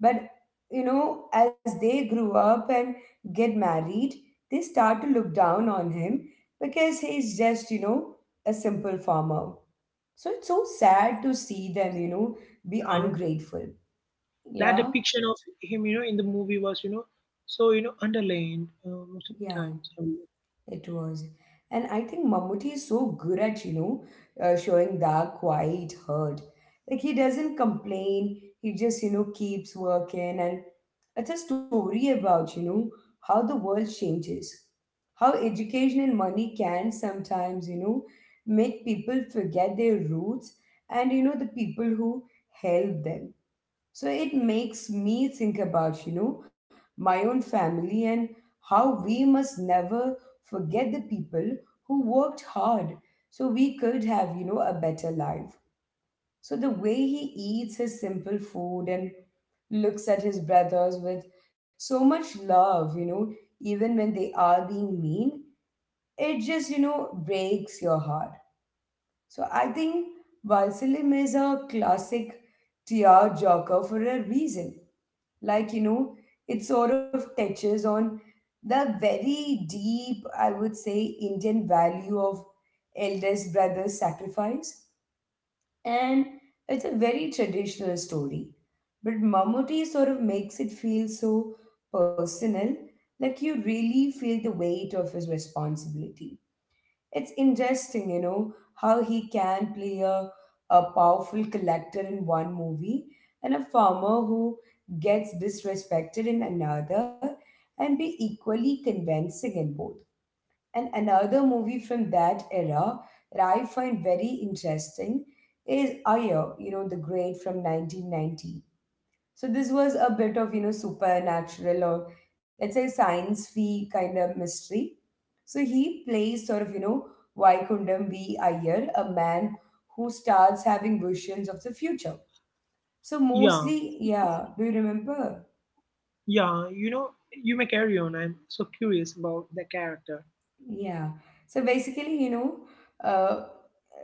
[SPEAKER 1] But as they grew up and get married, they start to look down on him because he's just, a simple farmer. So it's so sad to see them, be ungrateful.
[SPEAKER 2] that
[SPEAKER 1] Yeah.
[SPEAKER 2] depiction of him, in the movie was, so underlined most of
[SPEAKER 1] Yeah,
[SPEAKER 2] the times.
[SPEAKER 1] it was. And I think Mammootty is so good at, showing that quiet hurt. Like he doesn't complain, he just, keeps working. And it's a story about, how the world changes, how education and money can sometimes, make people forget their roots and, the people who help them. So it makes me think about, my own family and how we must never forget the people who worked hard so we could have, a better life. So the way he eats his simple food and looks at his brothers with so much love, even when they are being mean, it just, breaks your heart. So I think Valsalim is a classic tear joker for a reason, like you know it sort of touches on the very deep, I would say, Indian value of eldest brother sacrifice. And it's a very traditional story, but Mammootty sort of makes it feel so personal. Like, you really feel the weight of his responsibility. It's interesting, how he can play a powerful collector in one movie and a farmer who gets disrespected in another, and be equally convincing in both. And another movie from that era that I find very interesting is Ayer, the great from 1990. So this was a bit of, supernatural, or let's say science fi kind of mystery. So he plays sort of, Vaikundam V. Iyer, a man who starts having visions of the future. So
[SPEAKER 2] Yeah,
[SPEAKER 1] mostly, yeah, do you remember?
[SPEAKER 2] yeah, you may carry on. I'm so curious about the character.
[SPEAKER 1] Yeah. So basically, uh,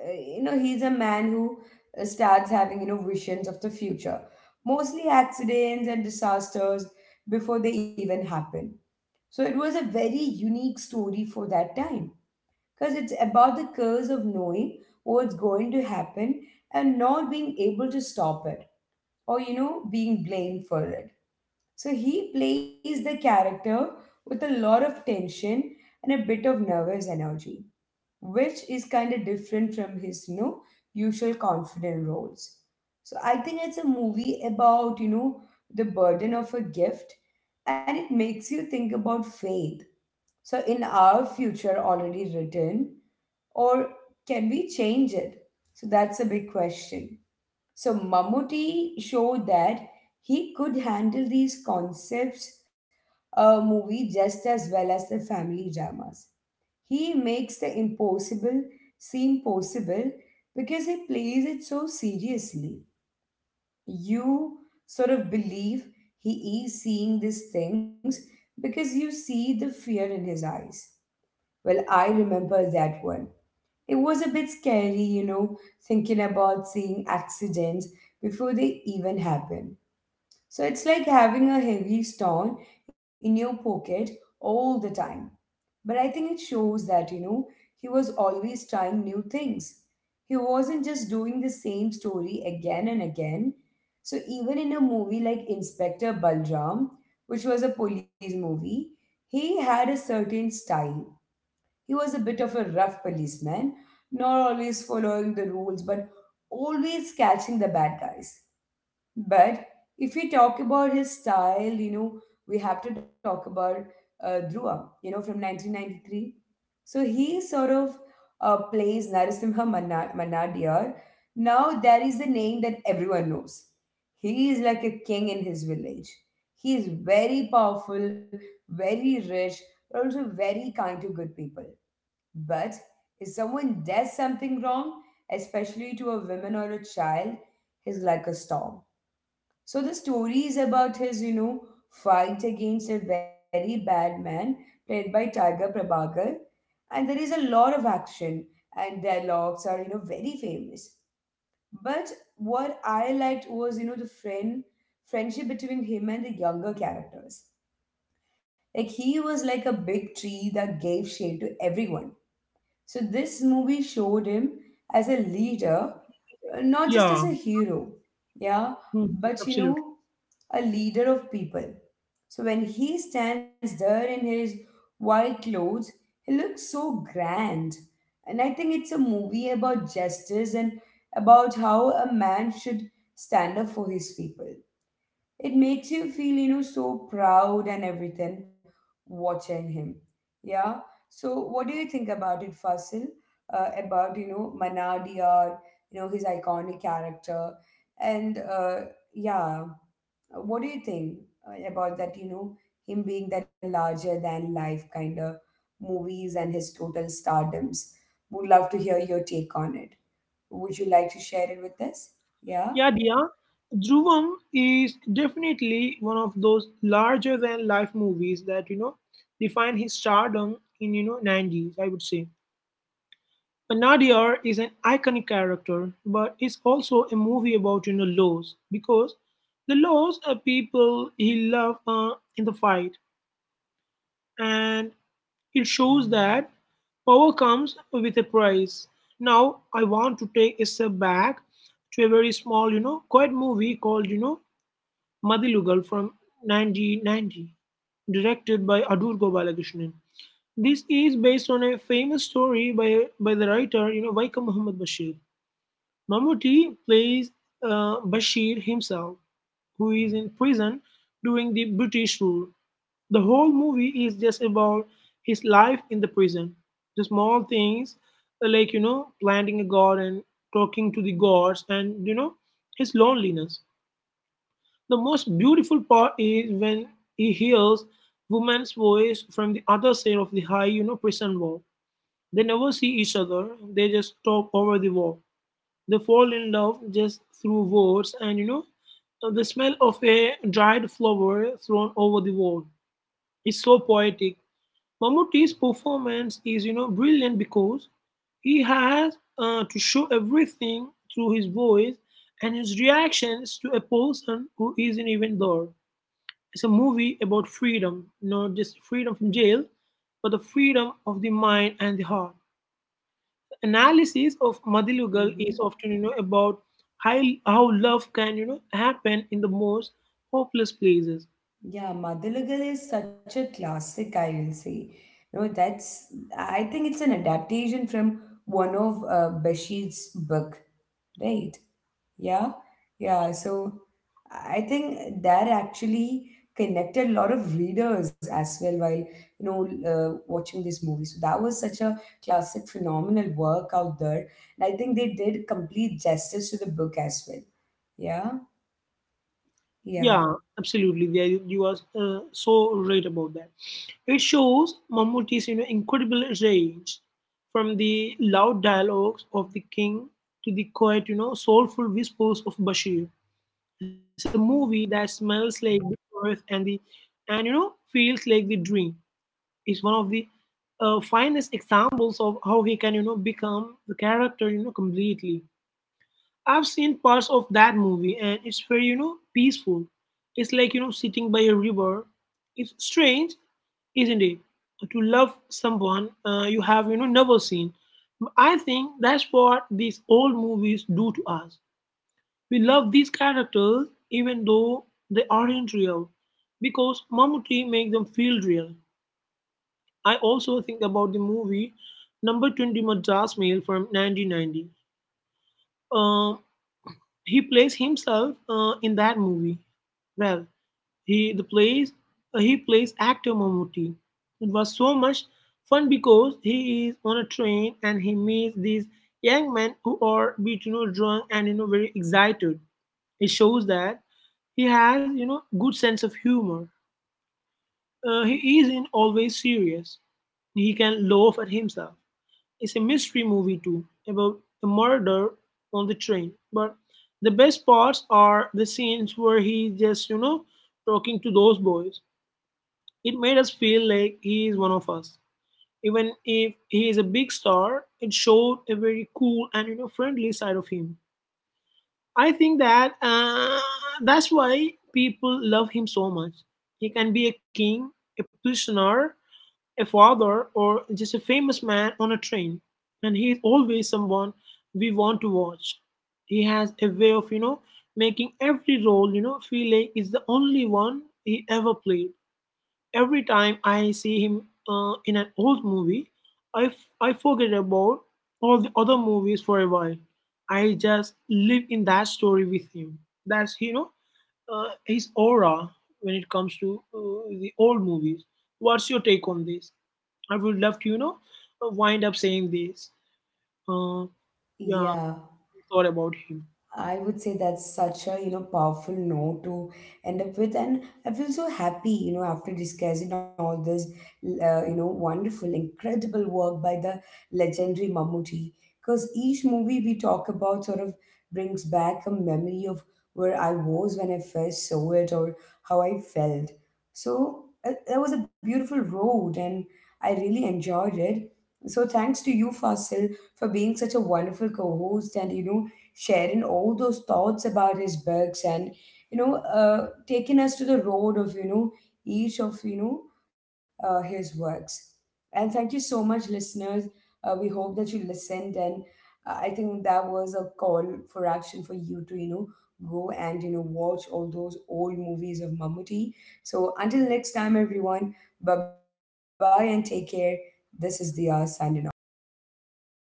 [SPEAKER 1] he's a man who starts having, visions of the future. Mostly accidents and disasters before they even happen. So it was a very unique story for that time, because it's about the curse of knowing what's going to happen and not being able to stop it, or being blamed for it. So he plays the character with a lot of tension and a bit of nervous energy, which is kind of different from his usual confident roles. So I think it's a movie about, the burden of a gift, and it makes you think about faith. So, in our future already written, or can we change it? So that's a big question. So Mammootty showed that he could handle these concepts movie just as well as the family dramas. He makes the impossible seem possible because he plays it so seriously. You sort of believe he is seeing these things because you see the fear in his eyes. Well, I remember that one, it was a bit scary, thinking about seeing accidents before they even happen. So it's like having a heavy stone in your pocket all the time. But I think it shows that, he was always trying new things. He wasn't just doing the same story again and again. So even in a movie like Inspector Balram, which was a police movie, he had a certain style. He was a bit of a rough policeman, not always following the rules, but always catching the bad guys. But if we talk about his style, we have to talk about Dhruva, from 1993. So he sort of plays Mannadiyar. Now that is the name that everyone knows. He is like a king in his village. He is very powerful, very rich, but also very kind to good people. But if someone does something wrong, especially to a woman or a child, he's like a storm. So the story is about his, fight against a very bad man played by Tiger Prabhakar. And there is a lot of action, and dialogues are, very famous. But what I liked was, the friendship between him and the younger characters. Like, he was like a big tree that gave shade to everyone. So this movie showed him as a leader, not just
[SPEAKER 2] Yeah,
[SPEAKER 1] as a hero, yeah,
[SPEAKER 2] mhm,
[SPEAKER 1] but
[SPEAKER 2] absolutely.
[SPEAKER 1] a leader of people. So when he stands there in his white clothes, he looks so grand. And I think it's a movie about justice, and about how a man should stand up for his people. It makes you feel, so proud and everything, watching him. Yeah. So what do you think about it, Fasil? About, Manadi, his iconic character, and yeah, what do you think about that, him being that larger than life kind of movies and his total stardoms? Would love to hear your take on it. Would you like to share it with us? Yeah.
[SPEAKER 2] Yeah, Dia, Dhruvam is definitely one of those larger than life movies that define his stardom in 90s. I would say Nadir is an iconic character, but it's also a movie about laws because the laws are people he loved in the fight, and it shows that power comes with a price. Now I want to take a step back to a very small, quiet movie called, Madilugal from 1990, directed by Adur Gopalakrishnan. This is based on a famous story by the writer, Vaika Muhammad Bashir. Mammootty plays Bashir himself, who is in prison during the British rule. The whole movie is just about his life in the prison. The small things, like, planting a garden, talking to the gods, and, his loneliness. The most beautiful part is when he hears woman's voice from the other side of the high, prison wall. They never see each other, they just talk over the wall. They fall in love just through words, and the smell of a dried flower thrown over the wall is so poetic. Mammootty's performance is brilliant because he has to show everything through his voice and his reactions to a person who isn't even there. It's a movie about freedom, not just freedom from jail, but the freedom of the mind and the heart. Analysis of Madilugal is
[SPEAKER 1] Mm-hmm.
[SPEAKER 2] often, about how, how love can, happen in the most hopeless places.
[SPEAKER 1] Yeah, Madalugal is such a classic, I will say. You know, that's I think it's an adaptation from one of Bashir's book, right? Yeah, yeah. So I think that actually connected a lot of readers as well while watching this movie. So that was such a classic, phenomenal work out there, and I think they did complete justice to the book as well. Yeah, yeah,
[SPEAKER 2] Yeah, absolutely. There you are so right about that. It shows Mammootty's, incredible range from the loud dialogues of The King to the quiet, soulful whispers of Bashir. It's a movie that smells like the earth and the, and you know, feels like the dream. Is one of the finest examples of how he can become the character completely. I've seen parts of that movie, and it's very peaceful. It's like sitting by a river. It's strange, isn't it, to love someone you have never seen. I think that's what these old movies do to us. We love these characters even though they aren't real, because Mammootty makes them feel real. I also think about the movie Number 20 Madras Mail from 1990. Uh, he plays himself in that movie. Well, he the plays he plays actor Mammootty. It was so much fun because he is on a train, and he meets these young men who are a bit drunk and very excited. It shows that he has good sense of humor. He isn't always serious. He can laugh at himself. Is a mystery movie too, about a murder on the train. But the best parts are the scenes where he's just, talking to those boys. It made us feel like he is one of us. Even if he is a big star, it showed a very cool and friendly side of him. I think that that's why people love him so much. He can be a king, a prisoner, a father, or just a famous man on a train. And he is always someone we want to watch. He has a way of, making every role, feel like it's the only one he ever played. Every time I see him in an old movie, I forget about all the other movies for a while. I just live in that story with him. That's, his aura when it comes to the old movies. What's your take on this? I would love to, wind up saying this. Uh, yeah,
[SPEAKER 1] yeah.
[SPEAKER 2] thought about him.
[SPEAKER 1] I would say that's such a powerful note to end up with, and I feel so happy after discussing all this wonderful, incredible work by the legendary Mammootty. Because each movie we talk about sort of brings back a memory of where I was when I first saw it, or how I felt. So that was a beautiful road, and I really enjoyed it. So thanks to you, Fasil, for being such a wonderful co-host, and sharing all those thoughts about his books, and taking us to the road of you know each of you know his works. And thank you so much, listeners. We hope that you listened, and I think that was a call for action for you to, go and, watch all those old movies of Mamuti. So until next time, everyone, bye bye and take care. This is the signing off.